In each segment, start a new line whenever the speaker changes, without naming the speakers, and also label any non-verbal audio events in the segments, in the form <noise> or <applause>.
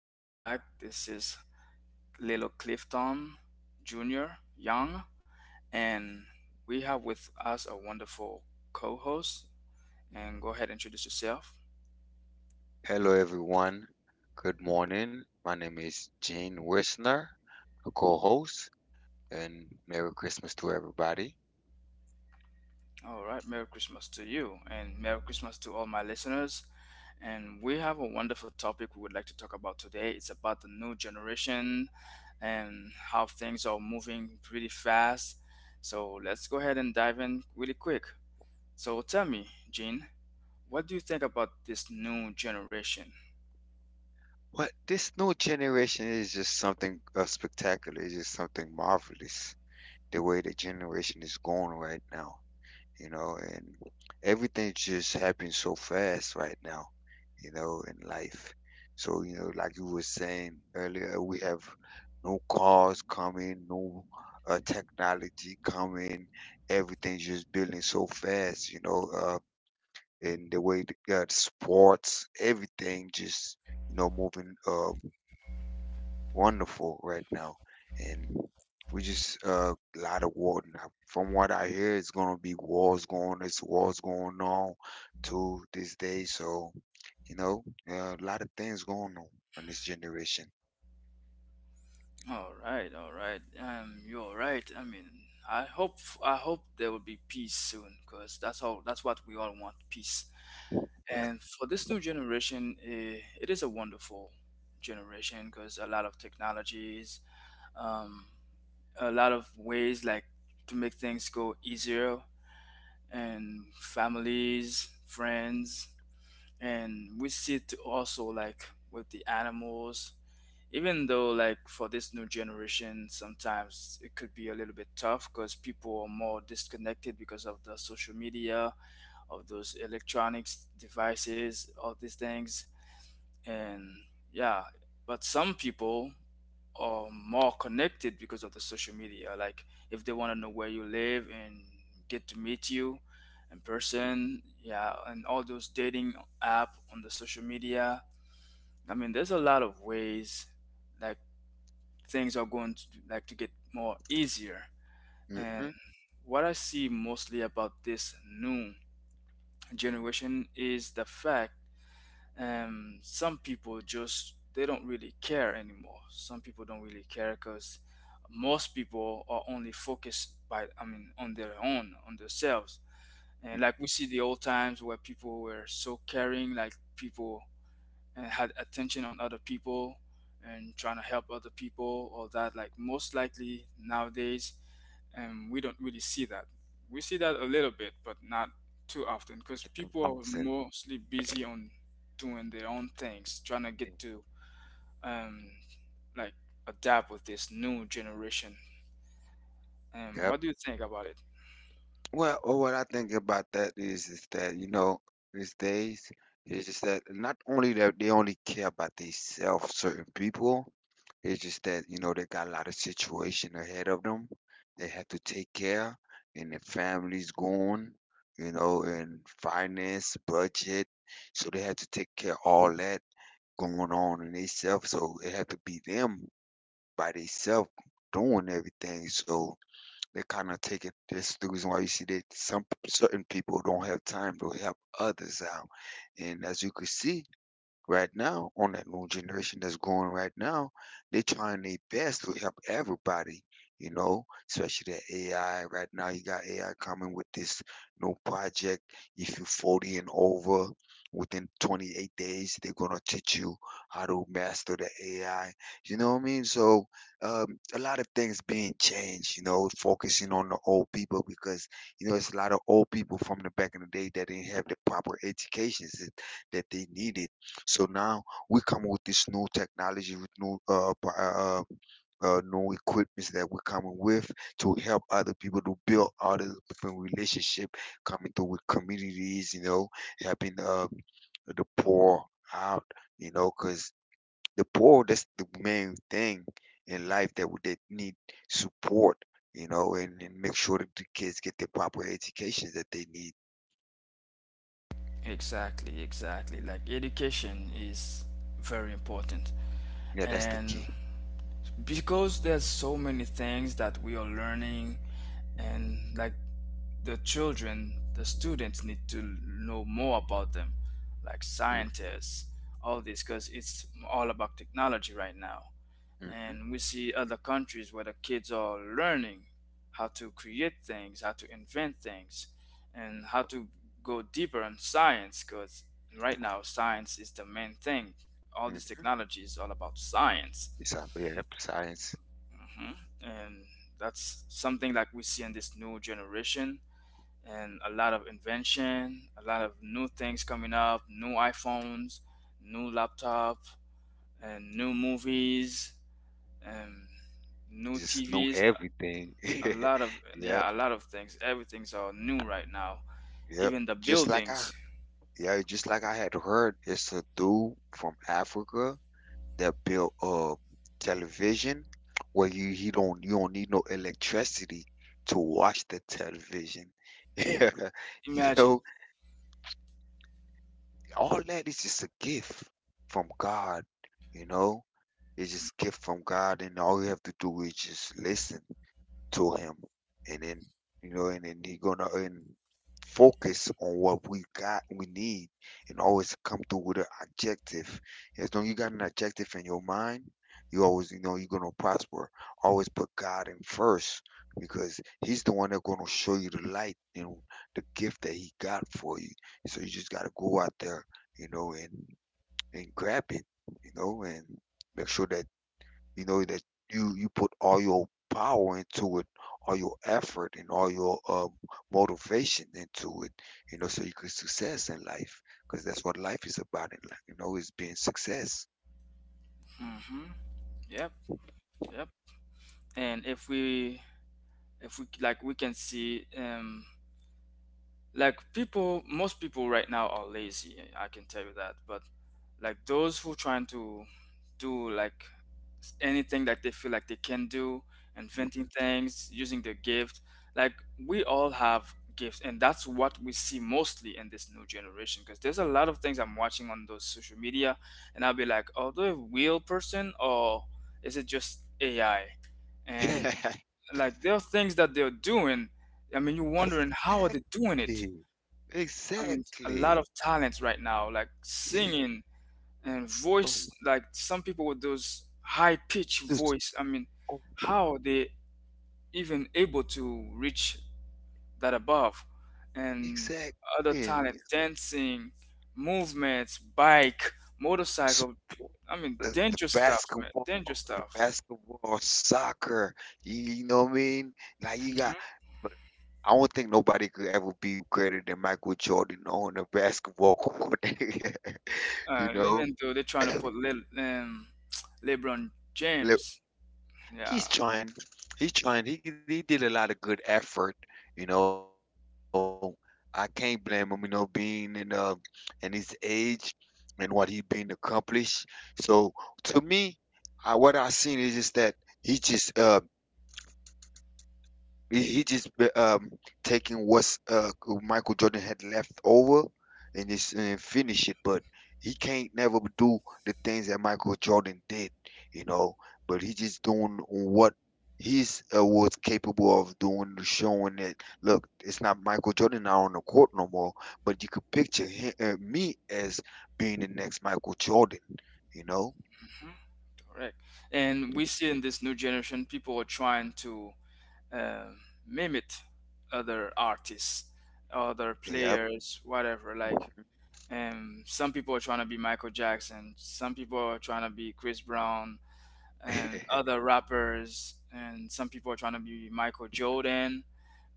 Welcome back. This is Lilo Clifton Jr. Young, and we have with us a wonderful co-host. And go ahead and introduce yourself.
Hello, everyone. Good morning. My name is Gene Wisner, a co host, and Merry Christmas to everybody.
All right, Merry Christmas to you, and Merry Christmas to all my listeners. And we have a wonderful topic we would like to talk about today. It's about the new generation and how things are moving really fast. So let's go ahead and dive in really quick. So tell me, Gene. What do you think about this new generation?
What this new generation is just something spectacular. It's just something marvelous. The way the generation is going right now, and everything just happens so fast right now, you know, in life. So, you know, like you were saying earlier, we have no cars coming, no technology coming. Everything's just building so fast, you know, and the way the sports, everything just, you know, moving. Wonderful right now. And we just a lot of war now. From what I hear, it's gonna be wars going. It's wars going on to this day. So you know, a lot of things going on in this generation.
All right, all right. You're right. I mean, I hope I hope there will be peace soon, because that's all. That's what we all want: peace.
Yep.
And for this new generation, eh, it is a wonderful generation because a lot of technologies, um, a lot of ways like to make things go easier, and families, friends, and we see it also like with the animals, even though like for this new generation sometimes it could be a little bit tough because people are more disconnected because of the social media, of those electronics devices, all these things, and yeah, but some people are more connected because of the social media. Like if they want to know where you live and get to meet you in person, yeah, and all those dating app on the social media. I mean, there's a lot of ways like things are going to like to get more easier. And
Mm-hmm.
what I see mostly about this new generation is the fact, some people just they don't really care anymore. Some people don't really care because most people are only focused by, I mean, on their own, on themselves. And like we see the old times where people were so caring, like people, and had attention on other people and trying to help other people, or that, like most likely nowadays. And we don't really see that. We see that a little bit, but not too often because people are
Austin.
mostly busy on doing their own things, trying to get to, um, like, adapt with this new generation.
Yep.
What do you think about it?
Well, what I think about that is that, you know, these days it's just that not only that they only care about themselves, certain people, it's just that, you know, they got a lot of situation ahead of them. They have to take care and their family's gone, you know, and finance, budget. So they have to take care of all that going on in themselves. So it have to be them by themselves doing everything. So they kind of take it. That's the reason why you see that some certain people don't have time to help others out. And as you could see, right now on that new generation that's going right now, they're trying their best to help everybody, you know, especially the AI. Right now, you got AI coming with this new project. If you're 40 and over, within 28 days, they're going to teach you how to master the AI. You know what I mean? So, um, a lot of things being changed, you know, focusing on the old people because, you know, it's a lot of old people from the back in the day that didn't have the proper educations that they needed. So now we come with this new technology, with new new equipments that we're coming with to help other people to build other different relationship, coming through with communities, you know, helping the poor out, you know, because the poor that's the main thing in life that that need support, you know, and make sure that the kids get the proper education that they need.
Exactly, exactly. Like, education is very important.
Yeah, that's the
And
key.
because there's so many things that we are learning, and like the children, the students, need to know more about them, like
Mm-hmm.
scientists, all this, because it's all about technology right now.
Mm.
And we see other countries where the kids are learning how to create things, how to invent things, and how to go deeper in science, because right now science is the main thing. All
mm,
this
mm.
technology is all about science.
It's yeah, science.
Mhm. And that's something like we see in this new generation, and a lot of invention, a lot of new things coming up, new iPhones, new laptop, and new movies, and new
Just know
TVs,
everything.
a
<laughs>
lot of,
Yep,
yeah, a lot of things. Everything's all new right now.
yep.
Even the buildings.
Yeah, just like I had heard, it's a dude from Africa that built television where you don't need no electricity to watch the television. <laughs> Yeah. You
Imagine.
know, all that is just a gift from God, you know? It's just gift from God and all you have to do is just listen to him. And then, you know, and then he gonna and focus on what we need, and always come through with an objective. As long as you got an objective in your mind, you always, you know, you're gonna prosper. Always put god in first, because he's the one that's gonna show you the light, you know, the gift that he got for you. So you just gotta go out there, you know, and grab it, you know, and make sure that, you know, that you put all your power into it, all your effort, and all your motivation into it. You know, so you can success in life, because that's what life is about. In life, you know, is being success.
Mhm. Yep, yep. And if we, if we like, we can see, like, people, most people right now are lazy, I can tell you that. But like those who trying to do, like, anything that they feel like they can do, inventing
Mhm.
things, using their gift. Like, we all have gifts, and that's what we see mostly in this new generation, because there's a lot of things I'm watching on those social media, and I'll be like, "Oh, they a real person, or is it just AI?" And
<laughs>
like, there are things that they're doing, I mean, you're wondering, how are they doing it?
exactly.
I mean, a lot of
Exactly. <laughs>
talents right now, like
Yeah.
singing and
Oh my
voice. Like, some people with those high pitch
goodness.
voice. I mean,
<laughs> Oh,
how they even able to reach that above, and other talents,
Exactly.
dancing, movements, bike,
s-
motorcycle. I mean,
the, the
dangerous stuff, man.
basketball,
Dangerous
the
stuff.
basketball, soccer. You know what I mean? Like you got,
Hmm.
but I don't think nobody could ever be greater than Michael Jordan on a basketball court. <laughs> you know,
Even though they're trying to put <tsk> LeBron James.
<clears throat>
Yeah.
He's trying. He's trying. He did a lot of good effort. You know, I can't blame him. You know, being in his age and what he been accomplished. So to me, what I seen is just that he just uh he just taking what's Michael Jordan had left over and just and finish it, but he can't never do the things that Michael Jordan did, you know. But he just doing what he's was capable of doing, showing that look, it's not Michael Jordan out on the court no more, but you could picture me as being the next Michael Jordan, you know.
Mm-hmm. Correct. And we see in this new generation, people are trying to, um mimic other artists, other
Yep,
players, whatever. Like, some people are trying to be Michael Jackson, some people are trying to be Chris Brown, and other
<laughs>
rappers, and some people are trying to be Michael Jordan.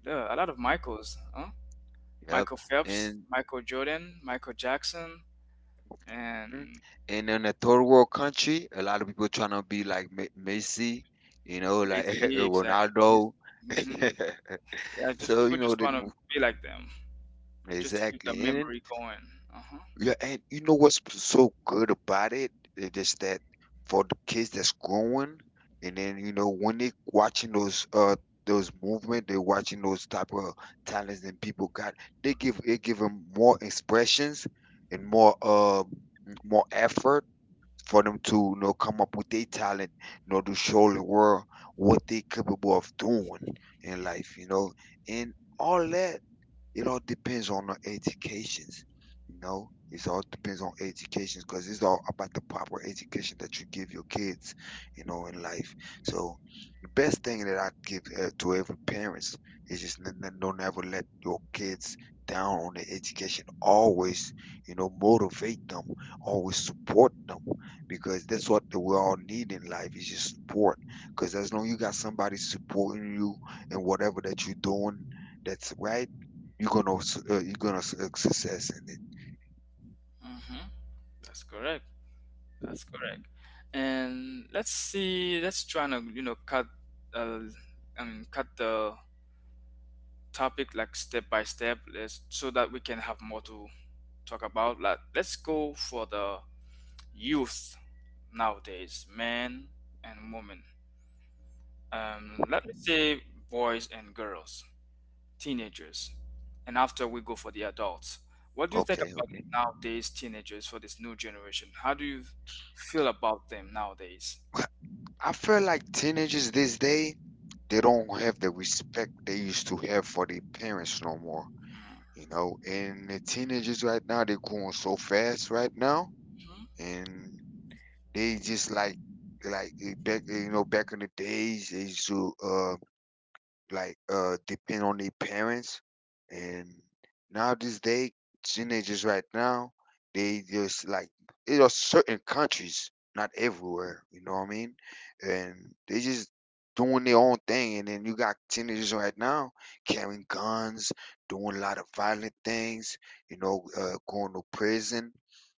Yeah, a lot of Michaels, huh? Michael
yep,
Phelps,
and
Michael Jordan, Michael Jackson,
Mhm.
and
And in a third world country, a lot of people trying to be like Messi, you know,
they
like <laughs>
see. Exactly.
Ronaldo.
Hmm.
<laughs>
Yeah, just
so
people
you know
just want to be like them. Just to keep the
exactly, and then,
memory going. Uh-huh.
yeah, and you know what's so good about it is just that for the kids that's growing, and then you know when they watching those movement, they're watching those type of talents that people got. They give it give them more expressions and more more effort for them to, you know, come up with their talent, you know, to show the world what they capable of doing in life, you know, and all that, it all depends on the educations. You know, it all depends on educations because it's all about the proper education that you give your kids, you know, in life. So the best thing that I give to every parents is just don't ever let your kids down on their education. Always, you know, motivate them. Always support them because that's what we all need in life is just support. Because as long as you got somebody supporting you in whatever that you're doing, that's right you're gonna you're gonna success in it.
Mm-hmm. That's correct. That's correct. And let's see, let's try to, you know, cut, uh, I mean, cut the topic like step by step. Let's, so that we can have more to talk about. Like, let's go for the youth nowadays, men and women. Let me say boys and girls, teenagers, and after we go for the adults. What do you think
Okay,
about nowadays teenagers for this new generation? How do you feel about them nowadays?
I feel like teenagers these day they don't have the respect they used to have for their parents no more.
Mhm.
You know, and the teenagers right now they're growing so fast right now, and they just like like, you know, back in the days they used to like depend on their parents. And now this day teenagers right now they just like it are certain countries, not everywhere, you know what I mean, and they just doing their own thing. And then you got teenagers right now carrying guns, doing a lot of violent things, you know, going to prison.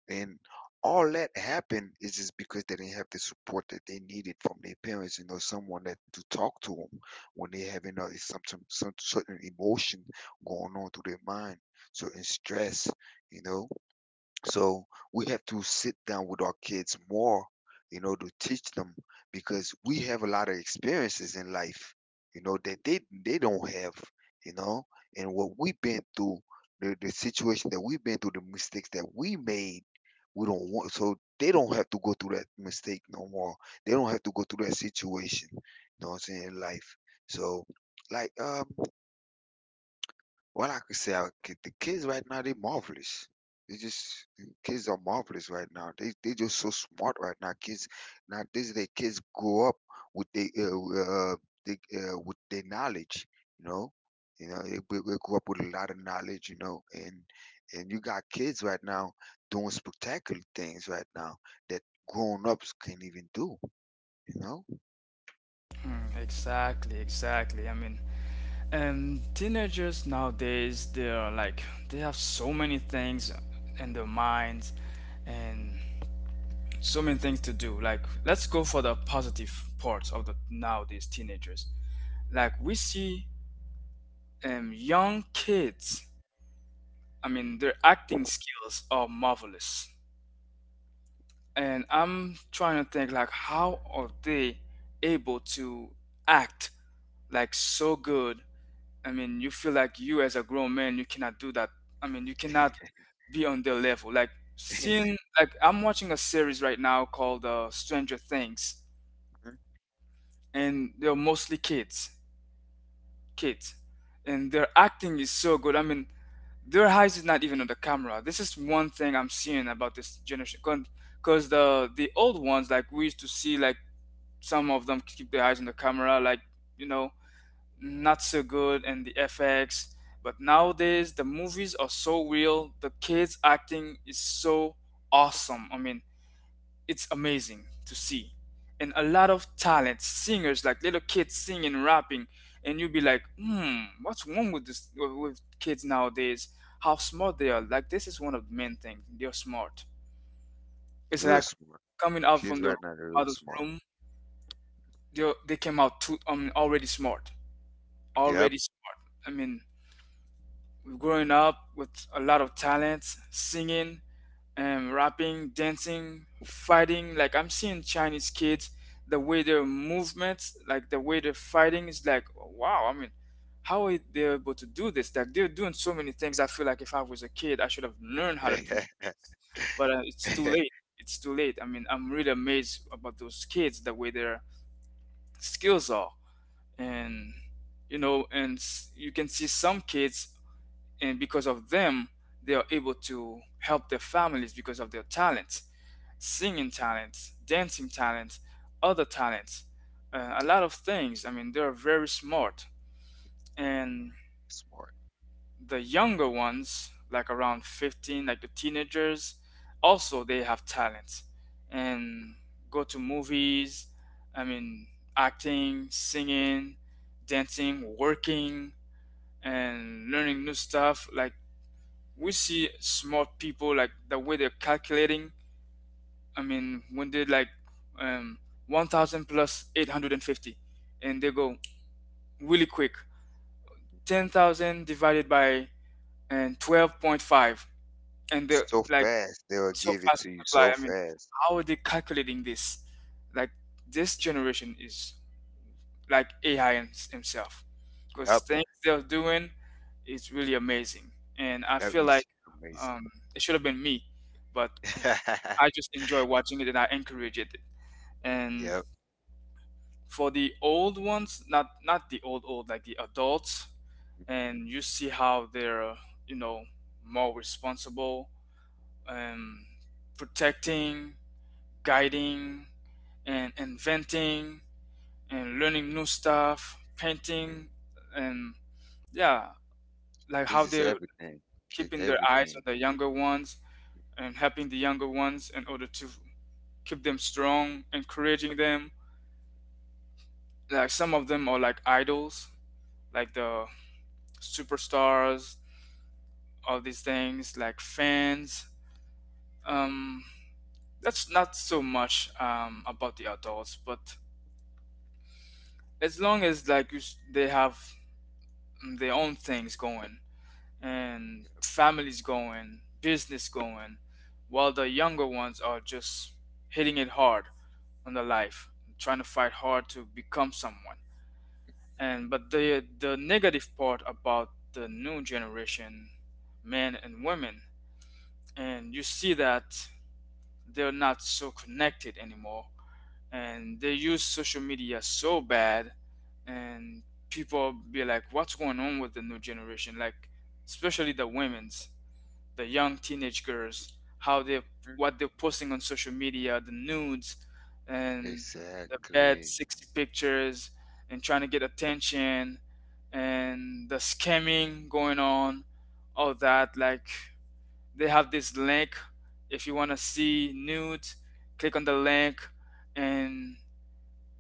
And all that happened is just because they didn't have the support that they needed from their parents, you know, someone that to talk to them when they having a some certain emotion going on through their mind, certain stress, you know. So we have to sit down with our kids more, you know, to teach them because we have a lot of experiences in life, you know, that they don't have, you know, and what we've been through, the situation that we've been through, the mistakes that we made, we don't want so they don't have to go through that mistake no more. They don't have to go through that situation, you know what I'm saying, in life. So like well, I could say the kids right now they marvelous. They just kids are marvelous right now. They just so smart right now. Kids now these day kids grow up with the with their knowledge. You know, you know we grew up with a lot of knowledge. You know, and you got kids right now doing spectacular things right now that grown ups can't even do. You know,
Mm, exactly, exactly. I mean, teenagers nowadays, they are like, they have so many things in their minds and so many things to do. Like, let's go for the positive parts of the nowadays teenagers. Like, we see, young kids, I mean, their acting skills are marvelous. And I'm trying to think, like, how are they able to act like so good? I mean, you feel like you, as a grown man, you cannot do that. I mean, you cannot be on their level. Like,
<laughs> Mhm.
seeing like, I'm watching a series right now called Stranger Things, and they're mostly kids, kids, and their acting is so good. I mean, their eyes is not even on the camera. This is one thing I'm seeing about this generation. Because the old ones, like we used to see, like, some of them keep their eyes on the camera, like, you know, not so good, and the FX. But nowadays, the movies are so real. The kids acting is so awesome. I mean, it's amazing to see. And a lot of talent singers, like little kids singing, rapping, and you'll be like, hmm, what's wrong with this, with kids nowadays, how smart they are. Like, this is one of the main things, they're smart. It's
real,
like,
s-
coming out from the
real
mother's
smart.
room, they came out too, I mean, already smart,
Yep,
already I mean, growing up with a lot of talents, singing, rapping, dancing, fighting. Like, I'm seeing Chinese kids, the way their movements, like the way they're fighting is like, wow. I mean, how are they able to do this? Like, they're doing so many things. I feel like if I was a kid, I should have learned how to do things, but it's too late.
<laughs>
It's too late. I mean, I'm really amazed about those kids, the way their skills are, and you know, and you can see some kids, and because of them, they are able to help their families because of their talents, singing talent, dancing talent, other talents, a lot of things. I mean, they're very smart. And
smart.
the younger ones, like around 15, like the teenagers, also they have talent, and go to movies. I mean, acting, singing, dancing, working, and learning new stuff. Like, we see smart people, like the way they're calculating, I mean, when they like, um, 1,000 plus 850, and 50, and they go really quick, 10,000 divided by, and 12.5, and they're
So
like
fast, they'll
so
give it
fast
to you
to reply.
so
I mean,
fast.
how are they calculating this? Like, this generation is like AI himself, because
Yep.
things they're doing is really amazing, and I feel like, it should have been me, but
<laughs>
I just enjoy watching it and I encourage it. And
Yep.
for the old ones, not not the old old, like the adults, and you see how they're, you know, more responsible, and protecting, guiding, and inventing, and learning new stuff, painting, and yeah, like how
This is <laughs>
they're
everything. E-
keeping their eyes
Everything.
on the younger ones, and helping the younger ones in order to keep them strong, encouraging them. Like, some of them are like idols, like the superstars, all these things, like fans. Um, that's not so much, about the adults, but as long as like you, they have, mm, their own things going, and families going, business going, while the younger ones are just hitting it hard on their life, trying to fight hard to become someone. And but the negative part about the new generation, men and women, and you see that they're not so connected anymore and they use social media so bad. And people be like, what's going on with the new generation, like especially the women's, the young teenage girls, how they,
Mhm.
what they're posting on social media, the nudes and the bad
Exactly.
sexy pictures and trying to get attention and the scamming going on, all that. Like, they have this link, if you want to see nudes, click on the link, and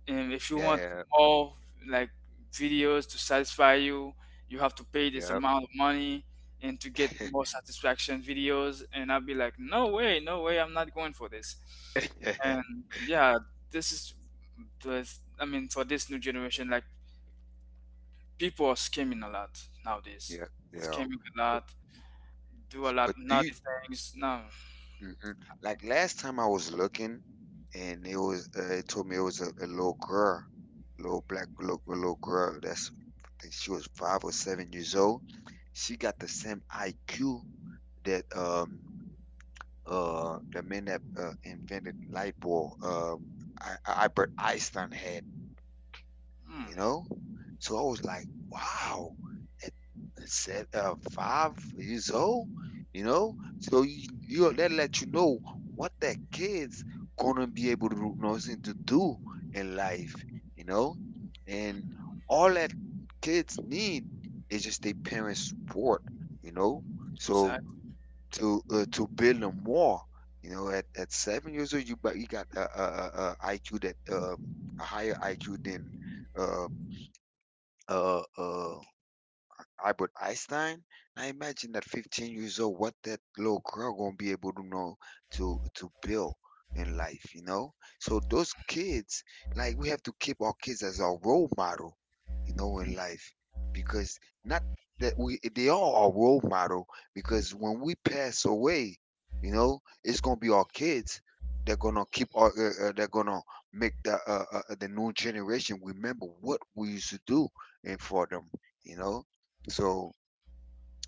and if you want
Yeah,
more, like videos to satisfy you, you have to pay this
yeah, yep.
amount of money, and to get more satisfaction videos. And I'll be like, no way, no way, I'm not going for this.
<laughs> Yeah.
And yeah, this is I mean for this new generation, like people are scamming a lot nowadays,
Yep, yeah.
scamming a lot, do a
S-
lot
Do you,
naughty things. No.
hmm Like last time I was looking and it was it told me it was a little girl, little girl. That's I think she was 5 or 7 years old. She got the same IQ that the men that invented light bulb, Albert Einstein had,
Hmm,
you know. So I was like, wow, set 5 years old, you know. So you that let you know what that kid's gonna be able to nothing to do in life, you know. And all that kids need is just their parents' support, you know. So
exactly.
to build them more. You know, at 7 years old, you but you got IQ that a higher IQ than um, uh, uh, Albert Einstein. I imagine that 15 years old, what that little girl gonna be able to know to build in life. You know, so those kids, like we have to keep our kids as our role model. You know, in life because not that we they are our role model because when we pass away, you know, it's gonna be our kids. They're gonna keep our they're gonna make the new generation remember what we used to do and for them, you know so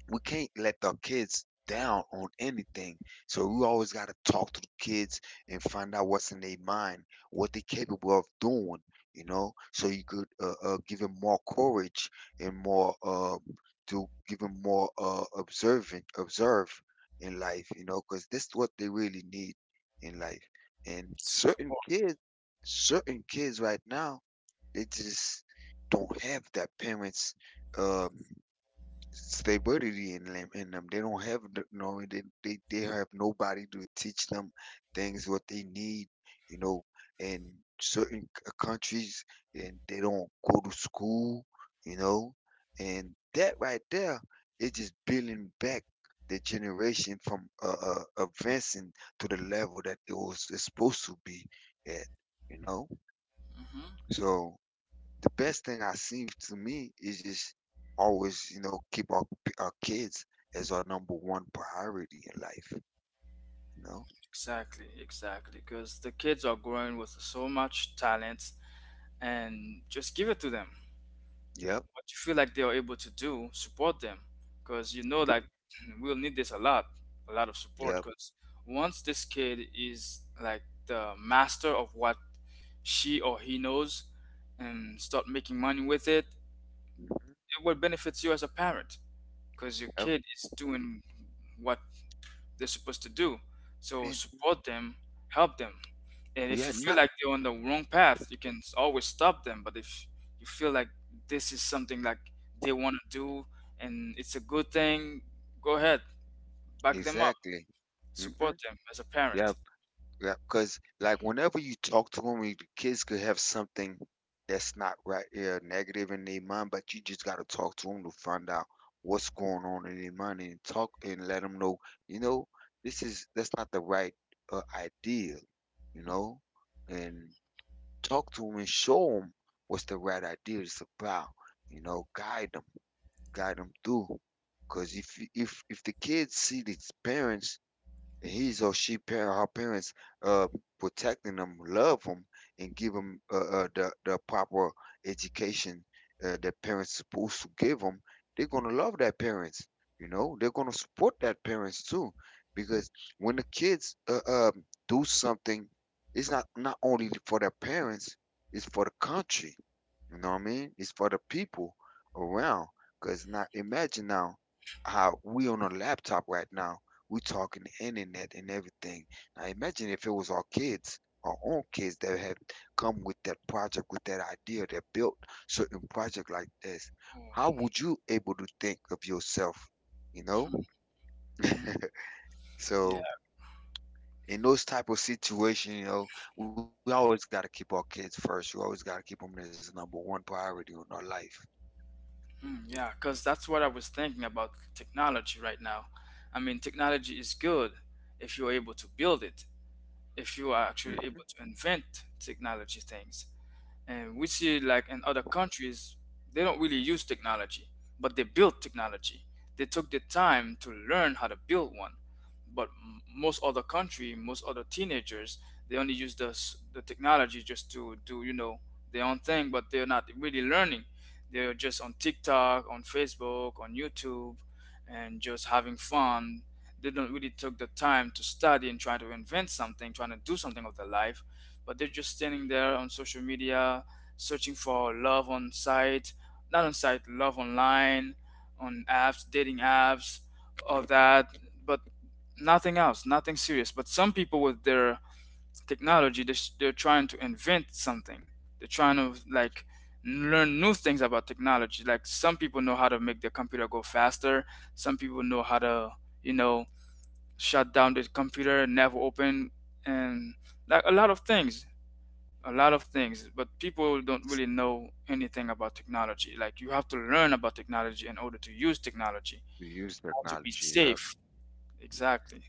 we can't let the kids down on anything. So we always got to talk to the kids and find out what's in their mind, what they're capable of doing, so you could give them more courage and more to give them more observe in life, you know, because that's what they really need in life. And
Support.
certain kids right now, they just don't have that parents. Um, they buried it in them. They don't have the- no they, they have nobody to teach them things what they need, you know. And countries and they don't go to school, you know. And that right there is just building back the generation from advancing to the level that it was supposed to be at, you know.
Hmm.
So the best thing I see to me is just always, you know, keep our kids as our number 1 priority in life, you know?
Exactly, exactly. Because the kids are growing with so much talent, and just give it to them.
Yep,
What you feel like they are able to do, support them. Because you know, like, <clears throat> we'll need this a lot of support.
yep,
Because once this kid is like the master of what she or he knows, and start making money with it,
mhm,
it will benefit you as a parent. Because your kid is doing what they're supposed to do. So
and
support them, help them. And if
yeah,
you feel
not
like they're on the wrong path, you can always stop them. But if you feel like this is something like they want to do and it's a good thing, go ahead, back them up,
exactly.
support
Mhm,
them as a
yeah.
parent.
Yeah, cause like, whenever you talk to them, the kids could have something that's not right, yeah, negative in their mind, but you just gotta talk to them to find out what's going on in their mind and talk and let them know, "You know, this is that's not the right, idea," you know? And talk to them and show them what's the right idea is about, you know? Guide them, guide 'em through. 'Cause if you if the kids see these parents, He's or she par her parents uh protecting them, love them, and give them the proper education, that parents supposed to give them. They're gonna love that parents, you know. They're gonna support that parents too, because when the kids do something, it's not only for their parents, it's for the country, you know what I mean? It's for the people around. Cause now imagine now how we on a laptop right now. We talking the internet and everything. Now imagine if it was our kids, our own kids that had come with that project, with that idea, that built certain project like this. How
Oh,
would you able to think of yourself? You know?
mm,
<laughs>
yeah,
So in those type of situation, you know, we always gotta keep our kids first. We always gotta keep them as number one priority in our life.
mm, yeah, because that's what I was thinking about technology right now. I mean, technology is good if you're able to build it, if you are
Mhm.
actually able to invent technology things. And we see like in other countries they don't really use technology, but they build technology. They took the time to learn how to build one. But m- most other country, most other teenagers, they only use the technology just to do, you know, their own thing, but they're not really learning. They're just on TikTok, on Facebook, on YouTube, and just having fun. They don't really take the time to study and try to invent something, trying to do something of their life, but they're just standing there on social media, searching for love on site, not on site, love online, on apps, dating apps, all that. But nothing else, nothing serious. But some people with their technology, they're trying to invent something. They're trying to like learn new things about technology. Like some people know how to make their computer go faster, some people know how to, you know, shut down the computer never open, and like a lot of things, a lot of things. But people don't really know anything about technology. Like, you have to learn about technology in order to use technology,
You use
how to be
technology, yep.
safe. Exactly.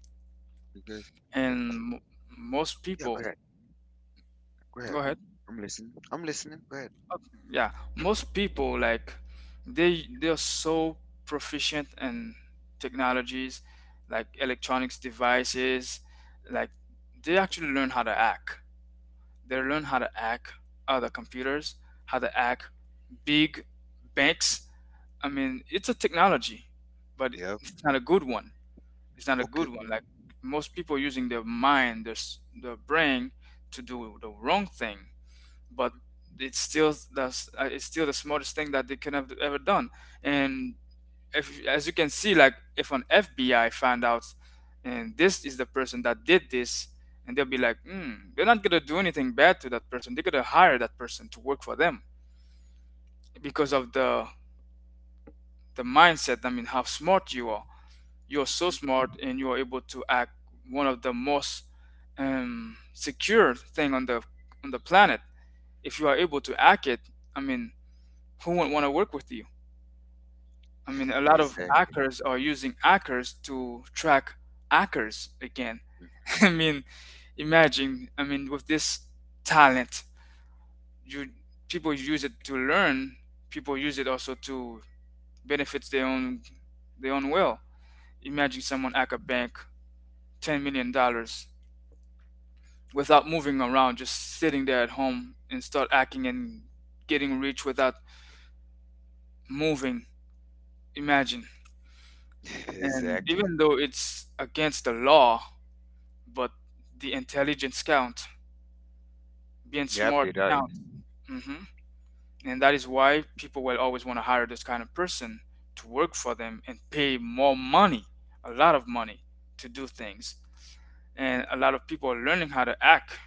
Because uh,
And most
yeah, go
people,
ahead, go ahead.
go ahead.
I'm listening. I'm listening. Go ahead.
Yeah, most people like they are so proficient in technologies, like electronics devices, like they actually learn how to hack. They learn how to hack other computers, how to hack big banks. I mean, it's a technology, but
Yep.
it's not a good one. It's not a
Okay.
good one. Like most people using their mind, their brain to do the wrong thing, but it's still, that's it's still the smartest thing that they could have ever done. And if, as you can see, like if an FBI find out and this is the person that did this, and they'll be like, hmm, they're not gonna do anything bad to that person. They're gonna hire that person to work for them because of the mindset. I mean, how smart you are. You're so smart, and you're able to act one of the most secure thing on the planet. If you are able to act it, I mean, who wouldn't want to work with you? I mean, a lot of hackers are using hackers to track hackers again. <laughs> I mean, imagine, I mean, with this talent, you, people use it to learn, people use it also to benefit their own, their own will. Imagine someone hack a bank 10 million dollars without moving around, just sitting there at home and start hacking and getting rich without moving. Imagine.
<laughs>
And
Exactly.
even though it's against the law, but the intelligence count, being
Yep,
smart
it does.
count. Hmm. And that is why people will always want to hire this kind of person to work for them and pay more money, a lot of money, to do things. And a lot of people are learning how to act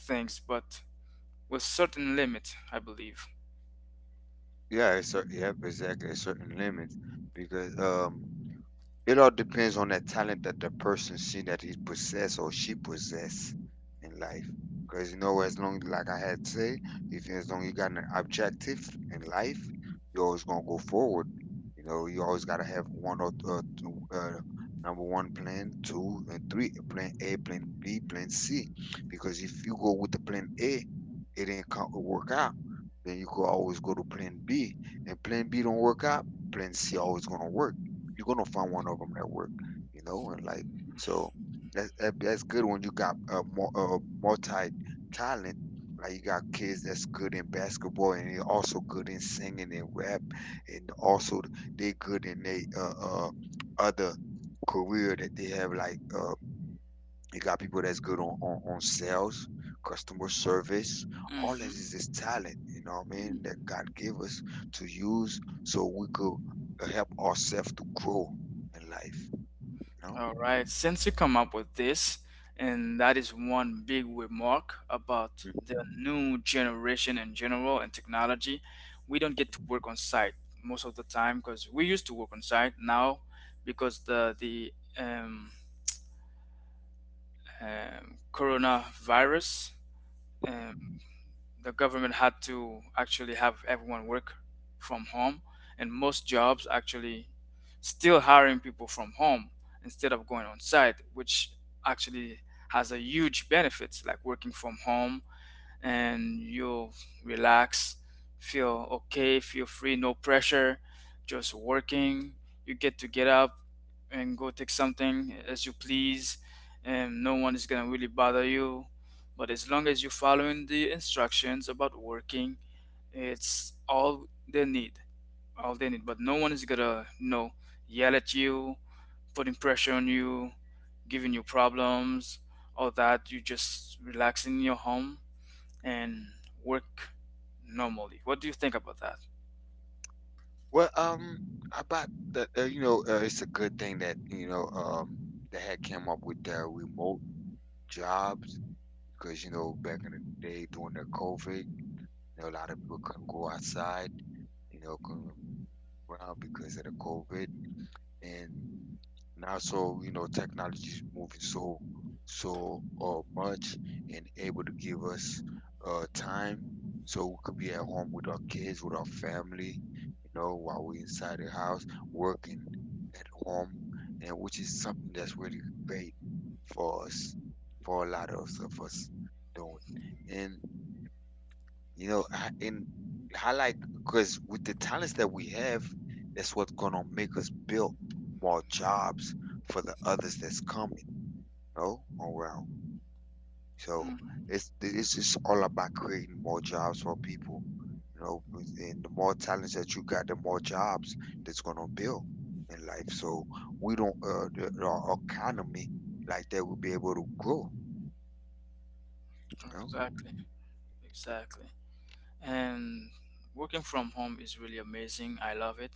things, but with certain limit, I believe.
Yeah, it's exactly. A certain limits because it all depends on that talent that the person see that he possess or she possess in life. Because you know, as long like I had say, if as long you got an object in life, you're always gonna go forward. You know, you always gotta have number one plan, two and three, plan A, plan B, plan C. Because if you go with the plan A, it ain't work out. Then you could always go to plan B. Plan B don't work out, plan C always gonna work. You're gonna find one of them that work, you know, and like so that's that's good when you got a multi talent. Like you got kids that's good in basketball and they're also good in singing and rap, and also they good in they other career that they have. Like you got people that's good on sales, customer service. All this is
Hmm.
just talent, you know what I mean? That God give us to use so we could help ourselves to grow in life. You know?
All right, since you come up with this, and that is one big remark about the new generation in general and technology, we don't get to work on site most of the time, because we used to work on site now, because the um, coronavirus, um, the government had to actually have everyone work from home, and most jobs actually still hiring people from home instead of going on site, which actually has a huge benefits, like working from home. And you'll relax, feel okay, feel free, no pressure, just working. You get to get up and go take something as you please, and no one is gonna really bother you. But as long as you're following the instructions about working, it's all they need, all they need. But no one is gonna, you know, yell at you, putting pressure on you, giving you problems, all that. You just relax in your home and work normally. What do you think about that?
Well, about the you know, it's a good thing that you know, they had came up with their remote jobs because you know back in the day during the COVID, you know, a lot of people couldn't go outside, you know, couldn't go around because of the COVID, and now so you know technology is so much able to give us time so we could be at home with our kids, with our family, you know, while we inside the house working. Home, and which is something that's really great for us, for a lot of us doing. And you know, I like because with the talents that we have, that's what's gonna ma- build more jobs for the others that's coming, you know, around. So
Mm,
this is just all about creating more jobs for people, you know, and the more talents that you got, the more jobs that's gonna build in life. So we don't the economy like that will be able to grow, you know.
exactly, exactly. And working from home is really amazing. I love it.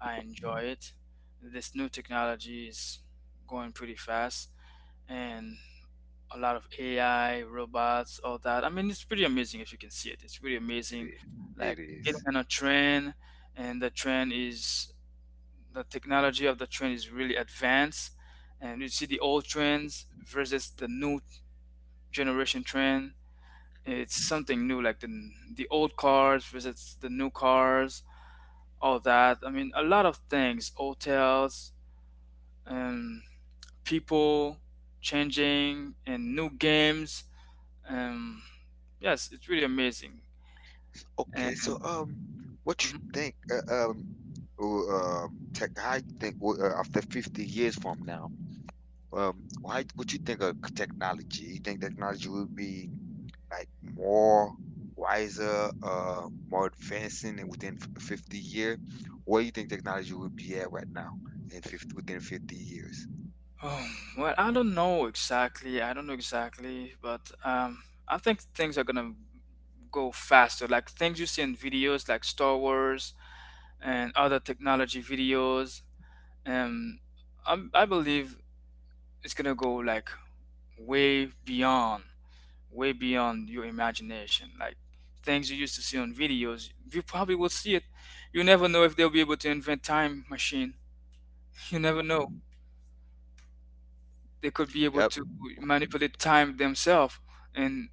I enjoy it. This new technology is going pretty fast, and a lot of AI, robots, all that. I mean, it's pretty amazing if you can see it. It's really amazing.
It
Like getting
is.
on a train, and the train is, the technology of the train is really advanced. And you see the old trends versus the new generation trend, it's something new, like the old cars visits the new cars, all that. I mean, a lot of things, hotels, and people changing, and new games, um, yes, it's really amazing. And
Okay, so what you
mhm.
think? Tech. How you think after 50 years from now? Why? What you think of technology? You think technology will be like more wiser, more advancing, and within a year? Where you think technology will be at right now in fifty years?
Oh, well, I don't know exactly, I don't know exactly, but I think things are gonna go faster, like things you see in videos, like Star Wars and other technology videos. um I believe it's gonna go like way beyond, way beyond your imagination. Like, things you used to see on videos, you probably will see it. You never know, if they'll be able to invent time machine. <laughs> You
Mm,
never know, they could be able
yep.
to manipulate time themselves, and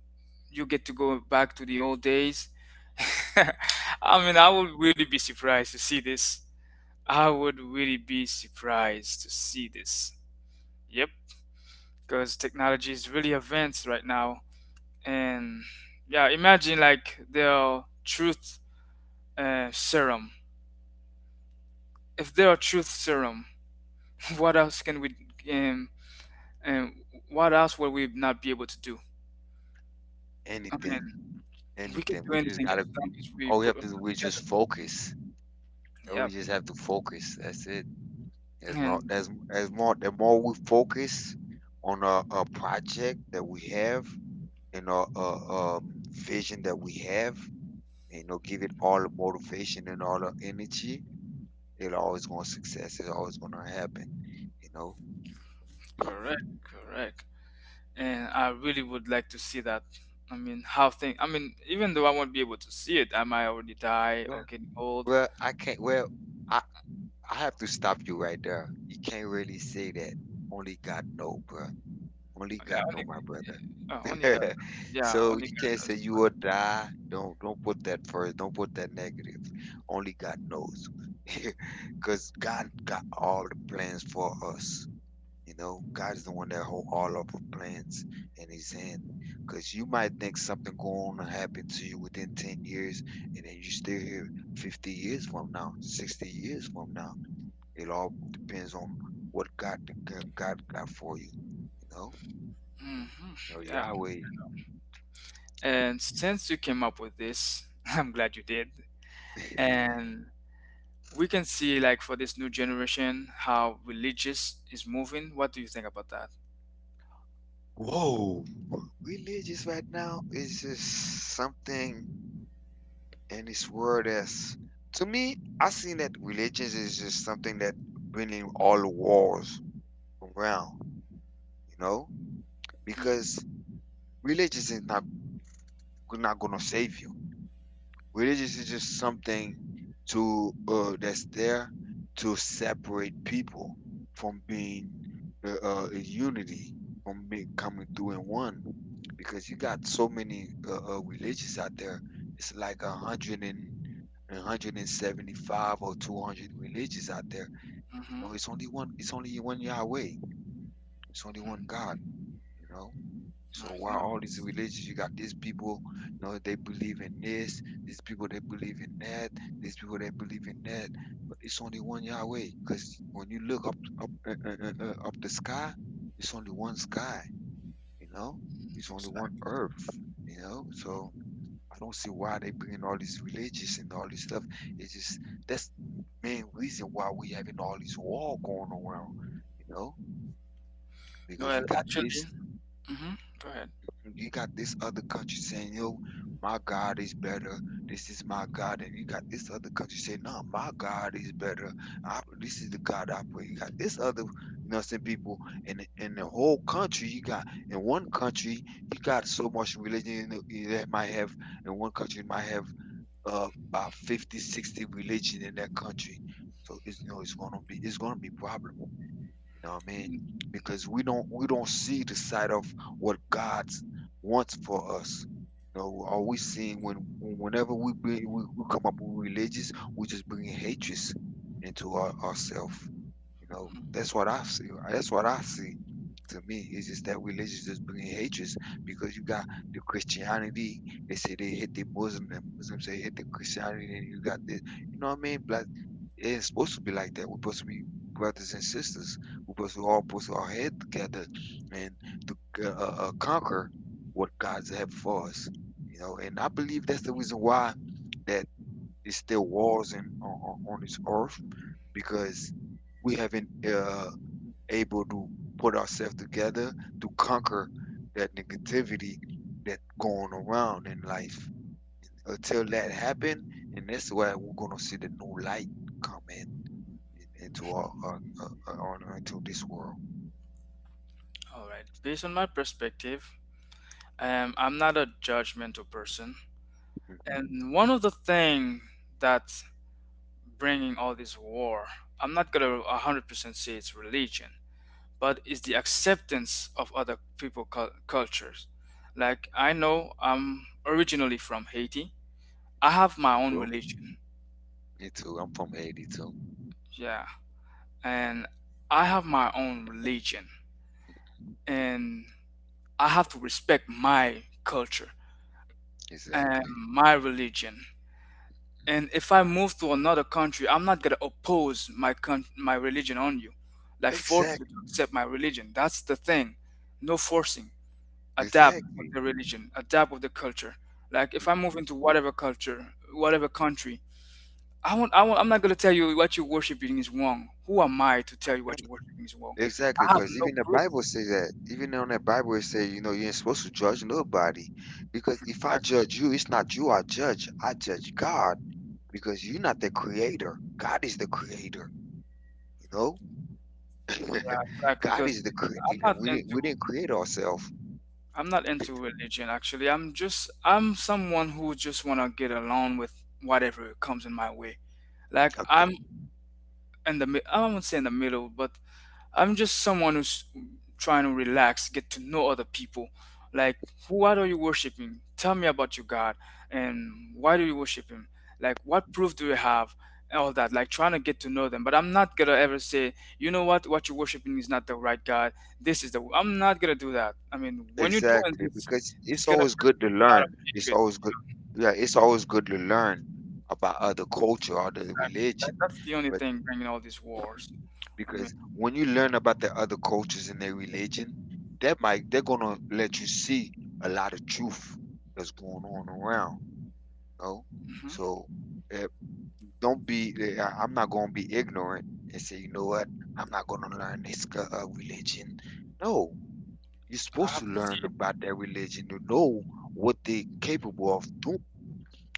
you get to go back to the old days. <laughs> I mean, I would really be surprised to see this. I would really be surprised to see this. Yep. Because technology is really advanced right now. And yeah, imagine, like, their truth, serum, if there are truth serum. <laughs> What else can we um, and what else will we not be able to do? I
Anything.
mean, we can
Anything.
do
We
anything as long as we
all we
put
have to do
ourselves
is
together.
just focus. All we
Yep.
just have to focus. That's it.
And
As more the more we focus on our project that we have and our vision that we have, you know, give it all the motivation and all the energy, it'll always gonna success. It's always gonna happen, you know.
correct, correct. And I really would like to see that. I mean, how things, I mean, even though I won't be able to see it, I might already die or getting old.
Well I can't well I, I have to stop you right there. You can't really say that. Only God know, bruh. Only
Yeah,
God know.
only, only God
<laughs>
knows. Yeah,
So
only
you can't
God knows,
say you
but
will die. Don't put that first. Don't put that negative. Only God knows, <laughs> because God got all the plans for us. You know, God is the one that hold all of our plans in His hand. Because you might think something going to happen to you within 10 years, and you are still here 50 years from now, 60 years from. It all depends on what God God got for you. You know.
hmm,
Oh,
yeah.
Yahweh.
And since you came up with this, <laughs> I'm glad you did.
<laughs>
And we can see, like, for this new generation, how religious is moving. What do you think about that?
Whoa, religious right now is just something in this world that's to me. I seen that religions is just something that bringing all the wars around, you know, because religious is not gonna save you. Religious is just something to that's there to separate people from being in unity, from being coming through in one. Because you got so many religions out there. It's like a hundred and a 175 or 200 religions out there. You
Mm-hmm.
know, it's it's only one Yahweh. It's only one God, you know? So
Nice. No,
why all
I
these
see.
religions? You got these people, you know, they believe in this. These people, they believe in that. These people, they believe in that. But it's only one Yahweh. Because when you look up, up the sky, it's only one sky, you know? It's only one
Exactly.
earth, you know? So I don't see why they bring in all these religions and all this stuff. That's the main reason why we having all this war going around, you know, because
Well, actually, mm-hmm, go ahead.
you got this other country saying, yo, my God is better, is my God, and you got this country saying, no, my God is better. This is the God I pray. You got this other, you know, some people, and in the whole country, you got in one country you got so much religion in the- that might have in one country might have about 50, 60 religion in that country. So it's you know it's gonna be problem. You know what I mean? Because we don't see the side of what God wants for us. You know, all we seeing when whenever we come up with religious, we just bring hatred into ourselves. You know,
Mm.
that's what I see. That's what I see to me. It's just that religious is bringing hatred because you got the Christianity. They say they hate the Muslim, and Muslims say hate the Christianity, and you got the, you know what I mean? Black. It's supposed to be like that. We put brothers and sisters. O pessoal possui ao head together and to conquer what God's have for us. You know, and I believe that's the reason why that is still wars in, on this earth because we haven't able to put ourselves together to conquer that negativity going around in life. Until that happen, and that's why we're gonna see the new light come in into our into this
All right. Based on my perspective, I'm not a judgmental person,
world.
and one of the thing that bringing all this war, I'm not gonna 100% say it's religion, but it's the acceptance of other people cul- cultures. Like, I know I'm originally from Haiti. I have my own religion.
Me too, I'm from Haiti too.
Yeah, and I have my own religion, and I have to respect my culture and
Exactly.
my religion. And if I move to another country, I'm not gonna oppose my con- my religion on you, like force you to
Exactly.
accept my religion. That's the thing. No forcing. Adapt with
Exactly.
the religion. Adapt with the culture. Like, if I move
Mhm.
into whatever culture, whatever country, I won't. I won't, I'm not gonna tell you what you're worshiping is wrong. Who am I to
I
tell you what
can.
you're worshiping is wrong?
Exactly,
I have
because
no
even the
proof.
Bible says that. Even on the Bible, it says, you know, you ain't supposed to judge nobody. Because if I
Exactly.
judge you, it's not you I judge. I judge God because you're not the creator. God is the creator, you know? <laughs>
Yeah, exactly.
God
Because
is the
I'm
creator.
not
We
into.
didn't create ourselves.
I'm not into religion actually. I'm just, I'm someone who just want to get along with whatever comes in my way. Like, I'm in the mi-, I won't say in the middle, but I'm just someone who's trying to relax, get to know other people. Like, what are you worshiping? Tell me about your God and why do you worship Him. Like, what proof do you have? And all that, like trying to get to know them. But I'm not gonna ever say, you know what you're worshiping is not the right God. This is the. I'm not gonna do that. I mean, when you're doing
Exactly,
this,
because
it's
it's
gonna be
always good to
a lot of
learn. It's
hatred.
always good. Yeah, it's always good to learn about other culture, other
Exactly.
religion.
That, that's the only thing bringing all these wars. I mean,
Because when you learn about the other cultures and their religion, that might they're gonna let you see a lot of truth that's going on around, you know?
mhm.
So, eh, don't be I'm not gonna be ignorant and say, "You know what? I'm not gonna learn this No, you're
I
supposed
have
to
to see
learn
it.
about their religion to know what they are capable of doing,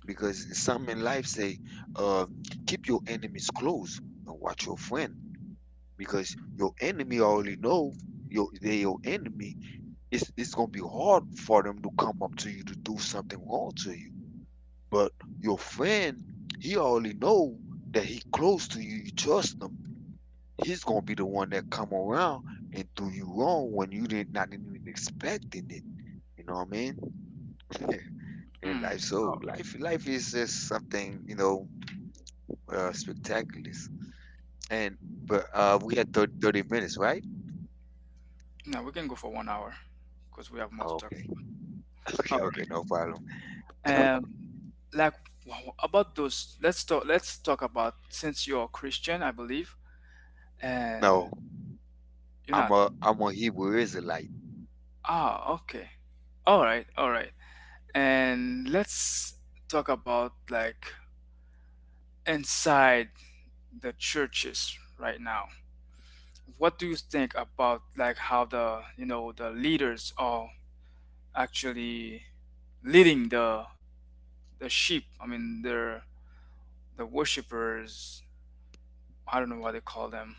because some in life say, um, "Keep your enemies close and watch your friend," because your enemy already know your they're your enemy. It's gonna be hard for them to come up to you to do something wrong to you. But your friend, he already know that he close to you, you trust him. He's gonna be the one that come around and do you wrong when you did not even expect. You know what I mean? <laughs> And life, so
Mm.
life, life is just something, you know, spectacular. And but We had 30 minutes, right?
No, we can go for 1 hour because we have more to talk
Okay,
about.
<laughs> okay,
All
okay, no problem.
right.
<laughs>
About those. Let's talk about, since you're Christian, I believe, and
No,
you're
I'm
not.
a I'm a Hebrew Israelite.
Ah, okay. All right. All right. And let's talk about, like, inside the churches right now. What do you think about, like, how the the leaders are actually leading the sheep? I mean, they're the worshipers. I don't know what they call them,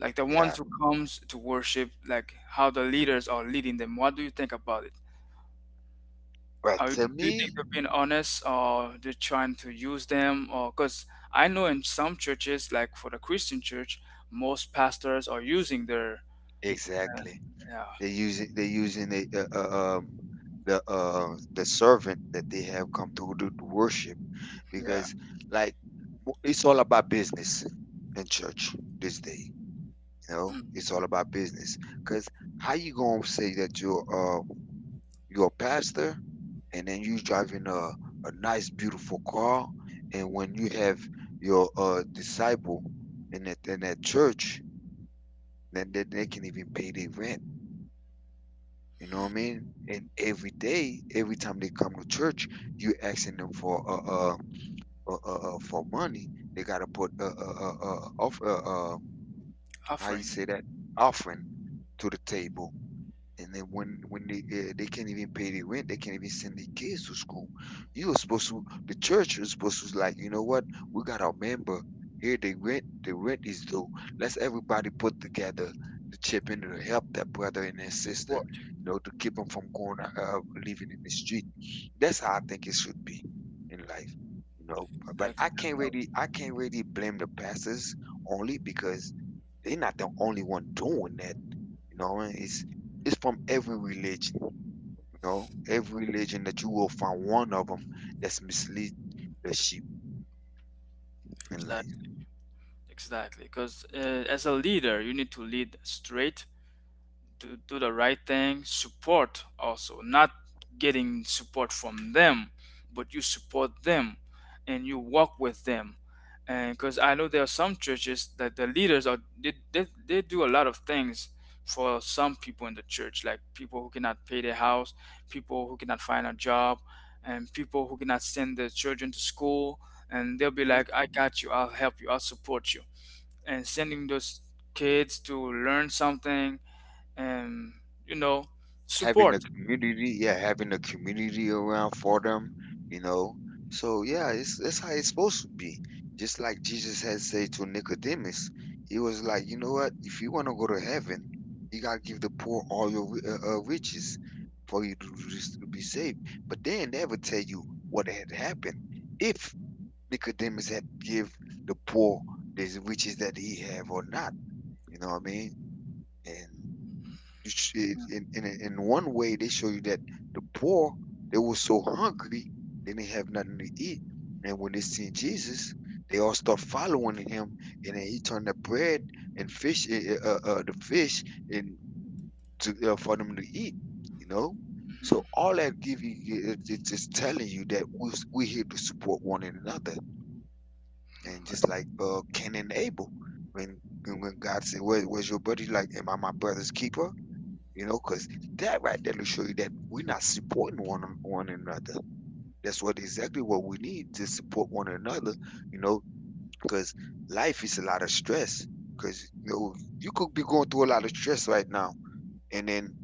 like the ones
Yeah,
who comes to worship, like how the leaders are leading them. What do you think about it?
but
Are,
to
do you think
me,
they're being honest, or they're trying to use them? Or because I know in some churches, like for the Christian church, most pastors are using their,
exactly.
yeah,
They're using the the servant that they have come to do the worship,
yeah.
because like it's all about business in church. You
<clears throat>
know,
mm,
it's all about business. Cause how you gonna say that you're a pastor, and then you driving a nice beautiful car, and when you have your disciple in that church, then they can even pay their rent? You know what I mean? Every day, every time they come to church you asking them for money, they gotta put off um how you say
Offering,
that, offering to the table. And then when they can't even pay the rent, they can't even send their kids to school. You are supposed to The church is supposed to, like, you know what, we got our member here. The rent is due. Let's everybody put together, the chip in to help that brother and that sister,
support,
you know, to keep them from going living in the street. That's how I think it should be in life, you know. But
exactly, that's how,
I can't really blame the pastors only because they're not the only one doing that, you know. It's from every religion, you know. Every religion that you will find one of them mislead the sheep in life.
exactly, exactly. Because as a leader you need to lead straight, to do the right thing, support also, not getting support from them, but you support them, and you walk with them. And because I know there are some churches that the leaders are, they do a lot of things for some people in the church, like people who cannot pay their house, people who cannot find a job, and people who cannot send their children to school. And they'll be like, I got you, I'll help you, I'll support you, and sending those kids to learn something. um, you know,
Having a
Support.
community, yeah, having a community around for them, you know. So yeah, it's that's how it's supposed to be. Just like Jesus had said to Nicodemus, he was like, you know what? If you want to go to heaven, you gotta give the poor all your riches for you to, to be saved. But they ain't never tell you what had happened if Nicodemus had give the poor the riches that he have or not. You know what I mean? And you should, in one way, they show you that the poor, they were so hungry they didn't have nothing to eat, and when they seen Jesus, they all start following him, and then he turned the bread and fish, and to, for them to eat. You know,
Hmm.
so all that give you is telling you that we here to support one another, and just like Cain and Abel, when God said, "Where's your brother?" He's like, "Am I my brother's keeper?" You know, because that right there will show you that we're not supporting one another. That's what exactly what we need to support one another. You know, because life is a lot of stress. Because you know you could be going through a lot of stress right now, and then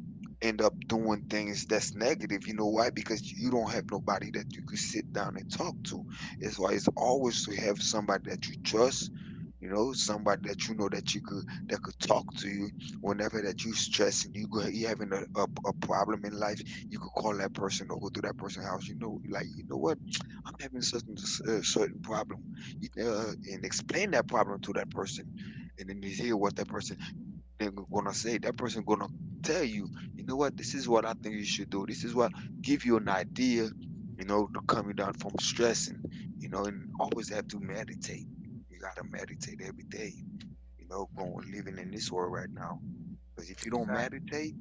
end up doing things that's negative. You know why? Because you don't have nobody that you could sit down and talk. It's why it's always to have somebody that you trust. You know, somebody that you know that you talk to you whenever that you stress and you having a problem in life, you could call that person or go to that person's house, you know, like, you know what, having certain and certain problem, and explain that problem to that person, and then you hear what that thing gonna say, that person gonna tell you, you know what, this is what I think you should do, this is what, give you an idea, you know, to calm you down from stressing, you know, and always have to meditate. You gotta meditate every day, you know, going living in this world right now, because if you don't
Exactly.
meditate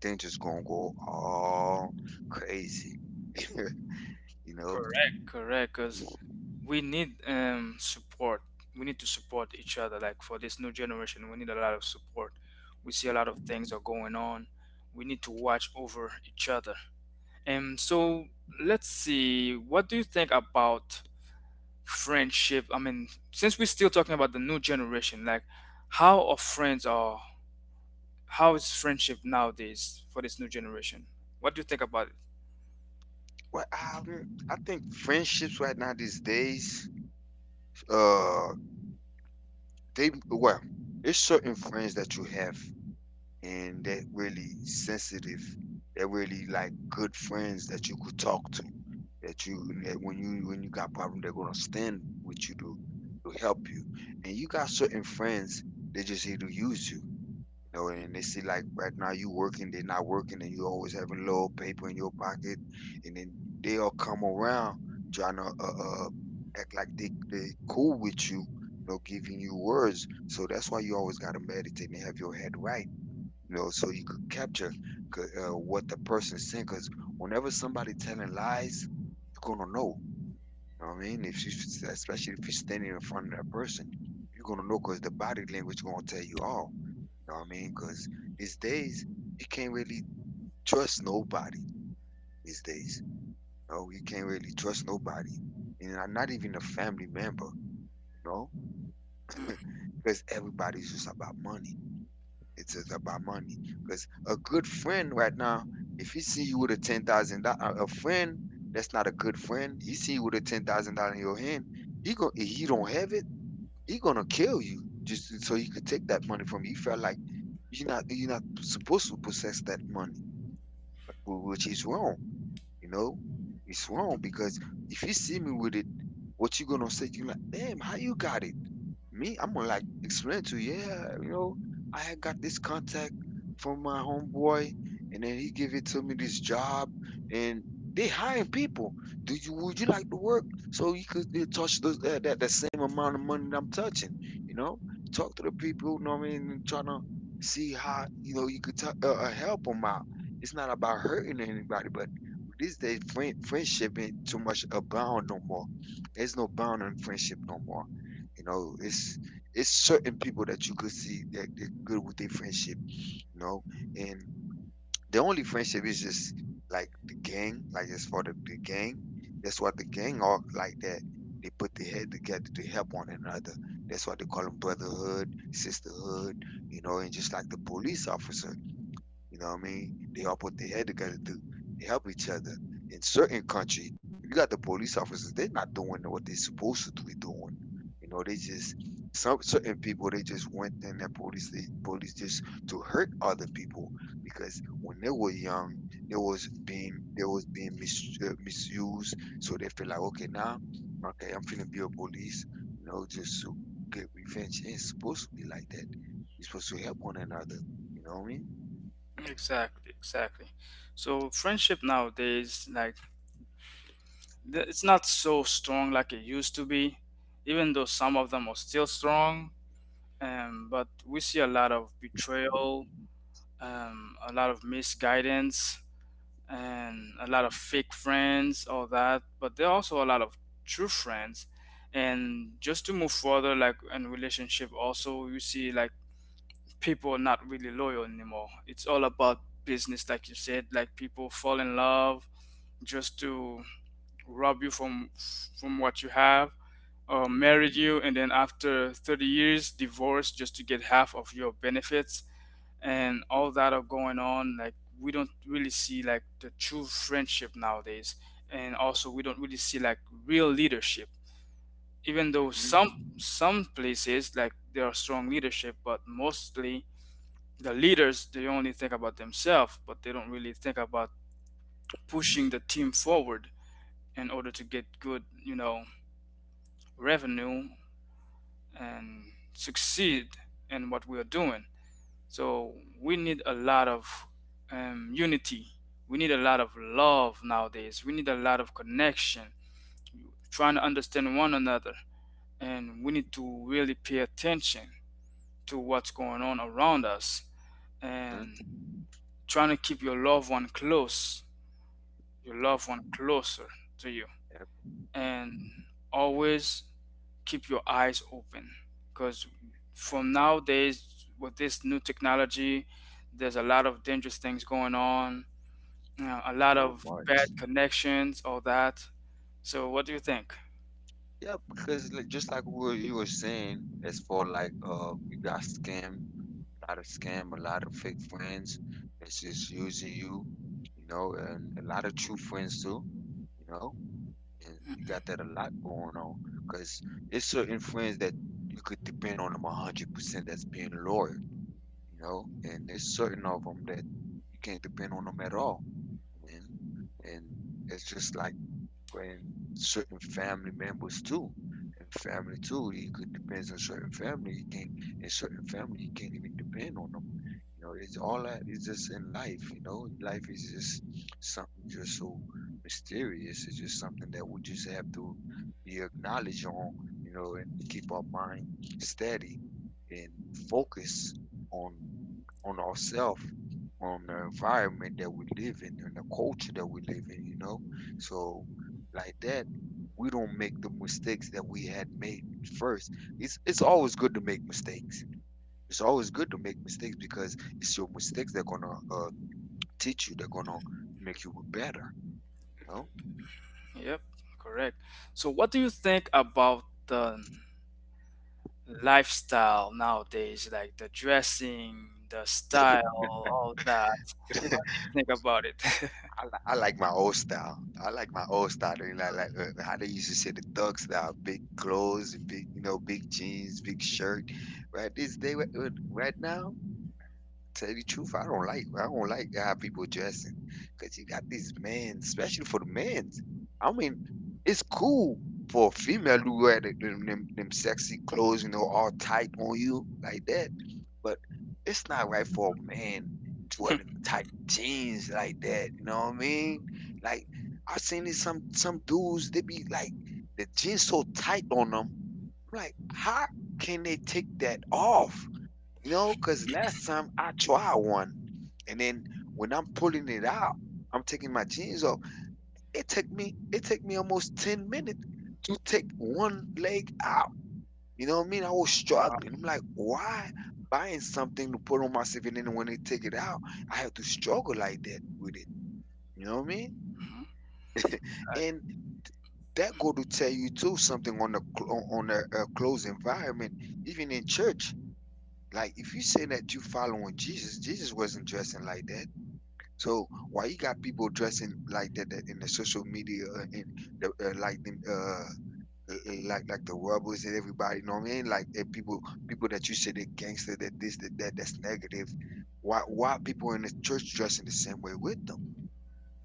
things just gonna go all crazy. <laughs> You know,
Correct, correct. Because we need, support. We need to support each other. Like for this new generation, we need a lot of support. We see a lot of things are going on. We need to watch over each other. And so let's see. What do you think about friendship? I mean, since we're still talking about the new generation, like how are friends, or how is friendship nowadays for this new generation? What do you think about
well, I think friendships right now these days, uh, they, well, it's certain friends that you have, and they're really sensitive. They're really like good friends that you could talk to, that you, that when you got problem, they're gonna stand with you to help you. And you got certain friends, they just here to use you. You know,
it?
and they see like right now you working, they're not working, and you always having little paper in your pocket, and then they'll come around trying to like they cool with you or giving you words. So that's why you always got to meditate and have your head right, you know, so you could capture what the person is. Whenever somebody telling lies, you're gonna know, you know what I mean, if you, especially if you're standing in front of that person, you're gonna know, because the body language gonna tell you all, you know what I mean, because these days you can't really trust nobody. These days, no, you can't really trust nobody, and I'm not even a family member. You know, everybody's just about money. It's just about money. A good friend right now, he see you with a $10,000. A friend that's not a good friend, he see you with a $10,000 in your hand. He go, if he don't have it, he gonna kill you just so he could take that money from you. He felt like you're not, you're not supposed to possess that money, which is wrong. You know, it's wrong because if you see me with it, what you gonna say? You like, damn, how you got it? Me, I'm gonna like explain to you, yeah, you know, I had got this contact from my homeboy, and then he give it to me this job, and they hiring people. Do you, would you like to work so you could touch the, that the same amount of money that I'm touching? You know, talk to the people. You know what I mean? And trying to see how, you know, you could help them out. It's not about hurting anybody, but these days friendship ain't too much abound no more. There's no bound on friendship no more. You know, it's certain people that you could see they good with their friendship, you know. And the only friendship is just like the gang, like it's for the gang. That's what the gang are like that. Put their head together to help one another. That's why they call them brotherhood, the hood, you know, and just like the police are, you know what I mean? They all put their head together to help each other. In certain countries, you got the police officers, they're not doing what they're supposed to do. You know, they just, some certain people they just went in that police, police just to hurt other people. When they were young, they was being mis, misused, so they feel like okay now, okay I'm feeling be a police, you know, just to get revenge. It ain't supposed to be like that. It's supposed to help one another. You know what I mean?
Exactly, exactly. So friendship nowadays, like, it's not so strong like it used to be, even though some of them are still strong. But we see a lot of betrayal, a lot of misguidance, and a lot of fake friends, all that. But there are also a lot of true friends. And just to move further, like in relationship, also you see like people are not really loyal anymore. It's all about business, like you said. Like people fall in love just to rob you from what you have, or married you, and then after 30 years, divorce just to get half of your benefits, and all that are going on. Like we don't really see like the true friendship nowadays, and also we don't really see like real leadership. Even though
Mm-hmm.
some places like there are strong leadership, but mostly the leaders, they only think about themselves, but they don't really think about pushing the team forward in order to get good, you know, revenue and succeed in what we are doing. So we need a lot of, unity. We need a lot of love nowadays. We need a lot of connection, trying to understand one another. And we need to really pay attention to what's going on around us.
Huh?
And trying to keep your loved one close, your
Yep.
loved one closer to you.
Yep. Mm.
And always keep your eyes open, because from nowadays with this new technology, there's a lot of dangerous things going on, you know, a lot
So
of
much.
bad connections, all that. So what do you think?
Yeah, because like, just like what you were saying, it's for like you got scam, a lot of scam, a lot of fake friends. It's just using you, you know, and a lot of true friends too, you know. And you got that a lot going on because it's certain friends that depend on them 100% loyal, you know, and there's certain of them that you can't depend on them at all, man. It's just like when certain family members too, family too, you got a certain family and certain family you depend on, you know, it's all that in life, you know, life is something just so mysterious. It's just something you just have to be acknowledged on, you know, and keep our mind steady and focus on on ourselves, on the environment that we live in, the culture that we, you know. So like that, we don't make the that we had made first. It's always good to make. It's always good to make because it's your mistakes that gonna teach you. They're gonna make you better. You know?
Yep, correct. So what do you think about the lifestyle nowadays, like the dressing, the style, all that? What
<laughs>
do you think about it? <laughs>
I like my old style. I like my old style. And I like how they used to say the thug style, big clothes, you know, big jeans, big shirt. Right this day, wi- wi- Right now, tell you the truth, I don't like how people dress. 'Cause you got these men, especially for the men. I mean, it's cool for a female to wear them sexy clothes, you know, all tight on you like that. But it's not right for a man to wear them tight jeans like that. You know what I mean? Like I've seen this some dudes they be like the jeans so tight on them like, how can they take that off? You know, because last time I tried one, and then when I'm pulling it out, I'm taking my jeans off. It take me almost 10 minutes to take one leg out. You know what I mean? I was
Wow.
struggling. I'm like, why buying something to put on myself, and then when they take it out, I have to struggle like that with it. You know what I mean?
Mhm.
And that go to tell you too something on the close environment, even in church. Like, if you say that you following Jesus, Jesus wasn't dressing like that. So why you got people dressing like that, that in the social media and the, like them, l- l- like the rebels and everybody, you know what I mean? Like people that you say they gangster, that this, that that, that's negative. Why people in the church dressing the same way with them?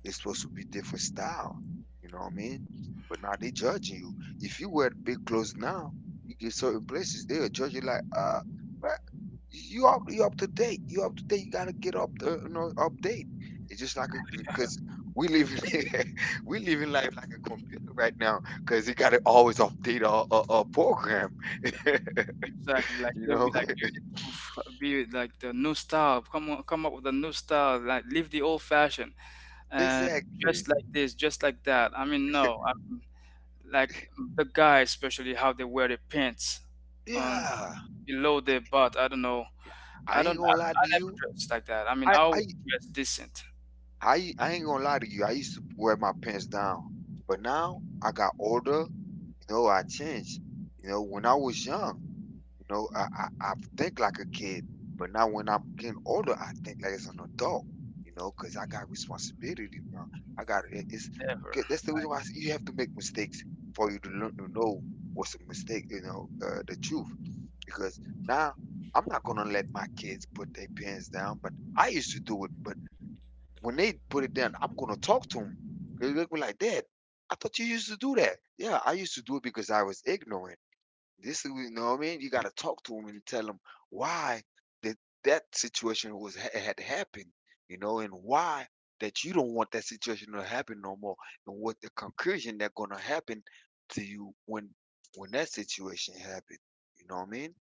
It's supposed to be different style, you know what I mean? But now they judging you. If you wear big clothes now, you get certain places they'll judge you like, you up, you up to date. You up to date. You gotta get up you know, update. It's just like because we live in <laughs> we live in life like a computer right now because you gotta always update our program. <laughs> You
Exactly, like they'll
know.
be like, you need to be like the new style. Come on, come up with a new style. Like leave the old fashioned,
<laughs>
and
Exactly.
just like this, just like that. I mean, no, I mean, like the guys, especially how they wear their pants, um
Yeah,
below their butt. I don't know.
I
I
ain't
don't.
gonna
I never dressed like that. I mean, I
I
always dress decent.
I ain't gonna lie to you. I used to wear my pants down, but now I got older. You know I changed. You know when I was young, you know I think like a kid. But now when I'm getting older, I think like as an adult. You know, because I got responsibility. It's
Never.
that's the reason why I say you have to, for you to learn to know what's a mistake, you know, the truth. Because now I'm not gonna let my kids put their parents down, but I used to do it. When they put it down, I'm gonna talk to them. They look me like, Dad, I thought you used to do that. Yeah, I used to do it because I was ignorant. This is, you know what I mean? You got to talk to them and tell them why that that situation was had happened, you know, and why that you don't want that situation to happen no more, and what the conclusion that gonna happen to you when that situation happened. You know what I mean?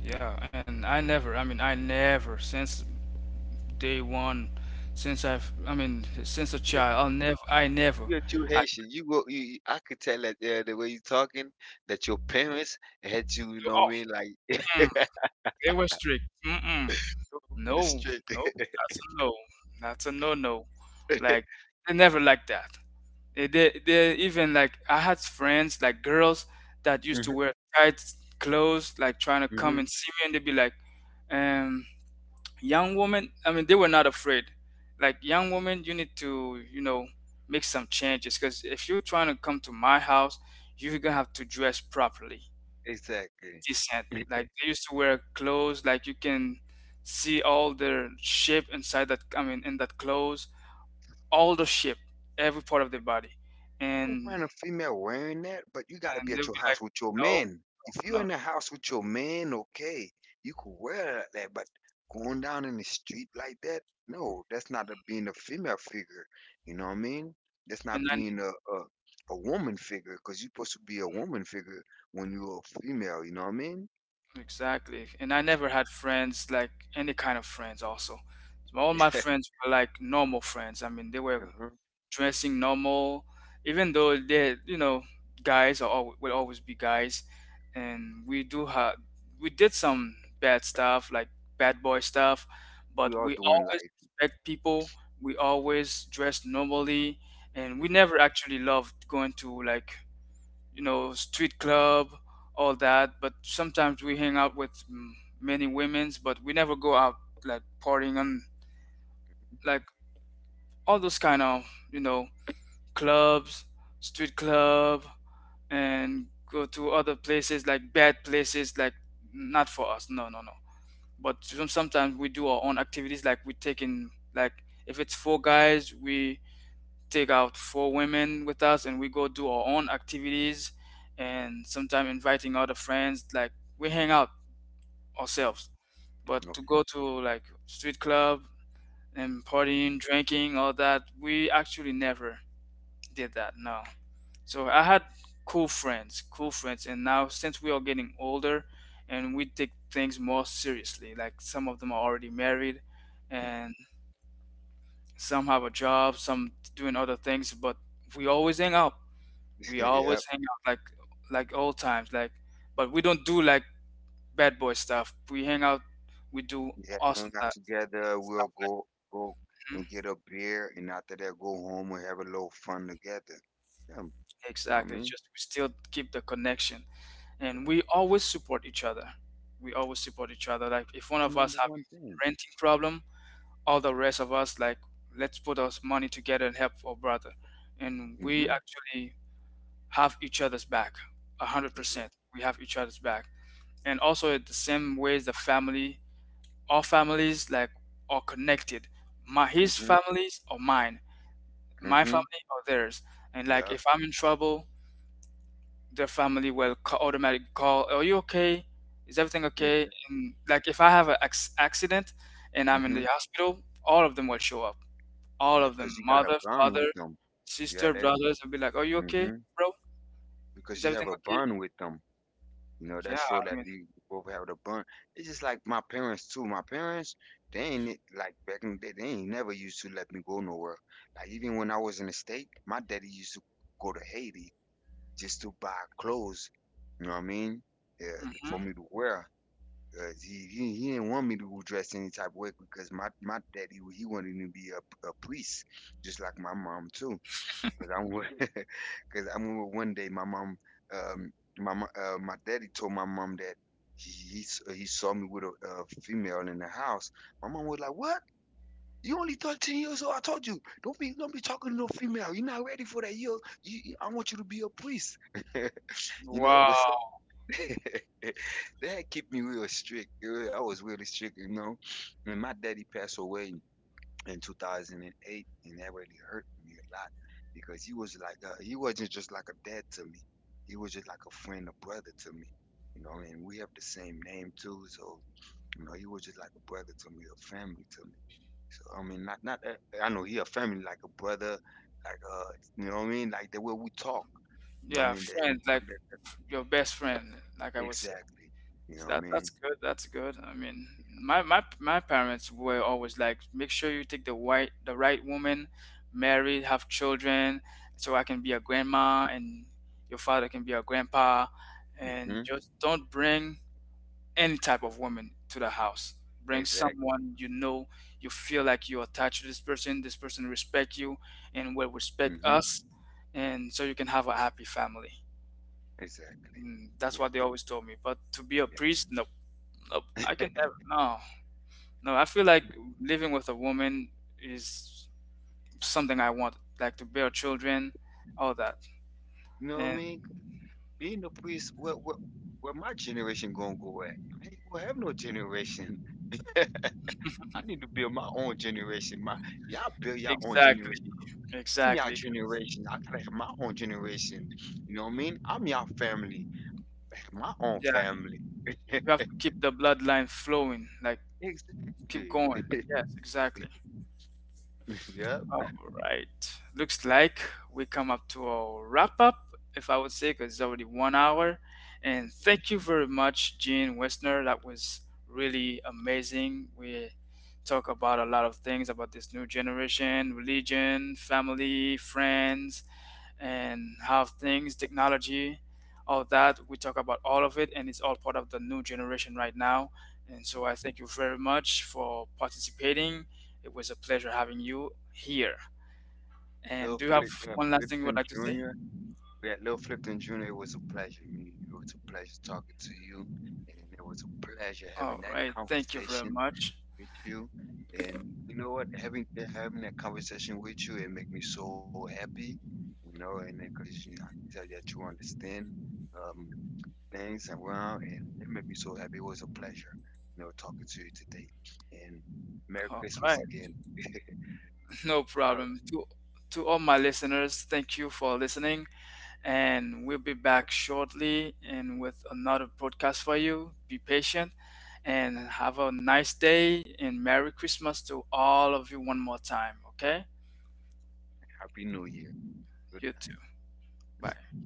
Yeah, and I never. I mean, I never since day one, since a
You're,
child, I never.
you're too
I,
Haitian. You go. I could tell that the way you talking that your parents had you. You know what I mean? Like
mm,
<laughs>
they were strict. Mm-mm.
really
No,
strict.
no, that's a no. That's a no-no. Like they never like that. They even, like, I had friends like girls that used to
<laughs>
wear tight clothes, like trying to come and see me, and they'd be like, um, "Young woman." I mean, they were not afraid. Like, young woman, you need to, you know, make some changes, because if you're trying to come to my house, you're gonna have to dress properly,
Exactly.
decent.
<laughs>
Like they used to wear clothes, like you can see all their shape inside that. I mean, in that clothes, all the shape, every part of the body.
I don't
and
mind a female wearing that, but you gotta be
and
at
they'll be like,
your
"Nope,
man. If
no,
you're
no,
in the house with your man, okay, you could wear but going down in the street like that, no, that's not a, being a female figure. You know what I mean? That's
and
not being a woman figure, because you're supposed to be a woman figure when you're a female. You know what I mean?
I, exactly, and I never had friends, like any kind of friends. Also, all my
<laughs>
friends were like normal friends. I mean, they were dressing normal, even though they, you know, guys will always be guys, and we do have, we did some bad stuff, like bad boy stuff,
We
but
all
we
do.
always respect people. We always dress normally, and we never actually loved going to, like, you know, street club, all that. But sometimes we hang out with, many women's, but we never go out like partying and like all those kind of, you know, clubs, street club, and go to other places like bad places. Like, not for us. No, no, no. But sometimes we do our own activities, like we taking like if it's four guys, we take out four women with us, and we go do our own activities, and sometimes inviting other friends. Like we hang out ourselves. But to
Mm-hmm.
go to like street club and partying, drinking, all that, we actually never did that. No. So I had cool friends, and now since we are getting older and we take things more seriously, like some of them are already married, and some have a job, some doing other things. But we always hang out. We
Okay. <laughs>
always
Yep.
hang out like old times. Like, but we don't do like bad boy stuff. We hang out, we do awesome
And
th-
after that,
stuff.
we'll go go and
Mhm.
get a beer, and after that, go home and have a little fun together. Yeah,
Exactly. Just we still keep the connection. And we always support each other. We always support each other, like if one
the
of us
number.
have renting problem, all the rest of us like, let's put our money together and help our brother. And we actually have each other's back 100%. We have each other's back. And
Mm-hmm.
also in the same ways, the family, all families like are connected. My his families or mine, my
Mm-hmm.
family or theirs. And like
Yep.
if I'm in trouble, their family will automatically call, "Are you okay? Is everything okay?" And like if I have an accident and I'm in the hospital, all of them will show up. All
Yep.
of them,
You got a
mother, father,
yeah,
sister,
that,
brothers, will be like, "Are you okay, bro?
because
Is
you
everything
have a
okay?"
bond with them. You know,
Yeah,
that
I
show that
mean,
you both have the bond. It's just like my parents too. My parents, they ain't it- like back in the day, they ain't never used to let me go nowhere. Like even when I was in the state, my daddy used to go to Haiti just to buy clothes. You know what I mean? Yeah, for me
hmm,
to wear. 'Cause he didn't want me to dress any type of way because my daddy he wanted me to be a priest, just like my mom too. Cause I would, <laughs> cause I remember one day my mom, um, my daddy told my mom that he saw me with a female in the house. My mom was like, "What? You only 13 years old? I told you, don't be talking to no female. You're not ready for that. I want you to be a priest. <laughs> You know,
wow,
<laughs> that kept me real strict. I was really strict. You know, and my daddy passed away in 2008, and that really hurt me a lot because he was like he wasn't just like a dad to me. He was just like a friend, a brother to me. You know, and we have the same name too, so you know he was just like a brother to me, a family to me. So I mean, not that, I know he a family like a brother, like you know what I mean, like the way we talk. You know what I
yeah,
mean? That
friend, like your best friend, like I was. So
exactly. You know what I
that,
mean?
that's good. That's good. I mean, my parents were always like, make sure you take the white the right woman, marry, have children, so I can be a grandma and your father can be a grandpa, and
Hmm.
just don't bring any type of woman to the house. Bring
Exactly.
someone you know, you feel like you're attached to this person. This person respect you and will respect us, and so you can have a happy family.
Exactly.
Mm, that's what they always told me. But to be a priest, no. Nope, I can never. No, no. I feel like living with a woman is something I want, like to bear children, all that.
You know what I
And
mean? Being a priest, where my generation gonna go at? We do have no generation. <laughs> To build my own generation. My y'all build your own
exactly,
generation. I am your
exactly. 'Cause,
generation. I gotta have my own generation. You know what I mean? I'm your family. I have my own
yeah,
family.
you have to keep the bloodline flowing, like keep going. Yes, exactly.
<laughs> Yep.
All right. Looks like we come up to a wrap up, if I would say, because it's already 1 hour. And thank you very much, Gene Westner. That was really amazing. We talk about a lot of things about this new generation, religion, family, friends, and how things, technology, all that. We talk about all of it, and it's all part of the new generation right now. And so I thank you very much for participating. It was a pleasure having you here. And do you
Lil,
have one last thing you would like to say?
that Lil Flipton Jr. It was a pleasure meeting you. It was a pleasure talking to you, and it was a pleasure having
All
that
right. Thank you very
conversation
much.
with you. And you know what? Having that conversation with you, it make me so happy. You know, and because you know, I can tell that you understand. Um, things around, and it made me so happy. It was a pleasure, you know, talking to you today. And Merry
All
Christmas
right.
again.
<laughs>
<laughs>
No problem. To all my listeners, thank you for listening. And we'll be back shortly and with another podcast for you. Be patient and have a nice day, and Merry Christmas to all of you one more time. Okay?
Happy New Year.
You too. Bye.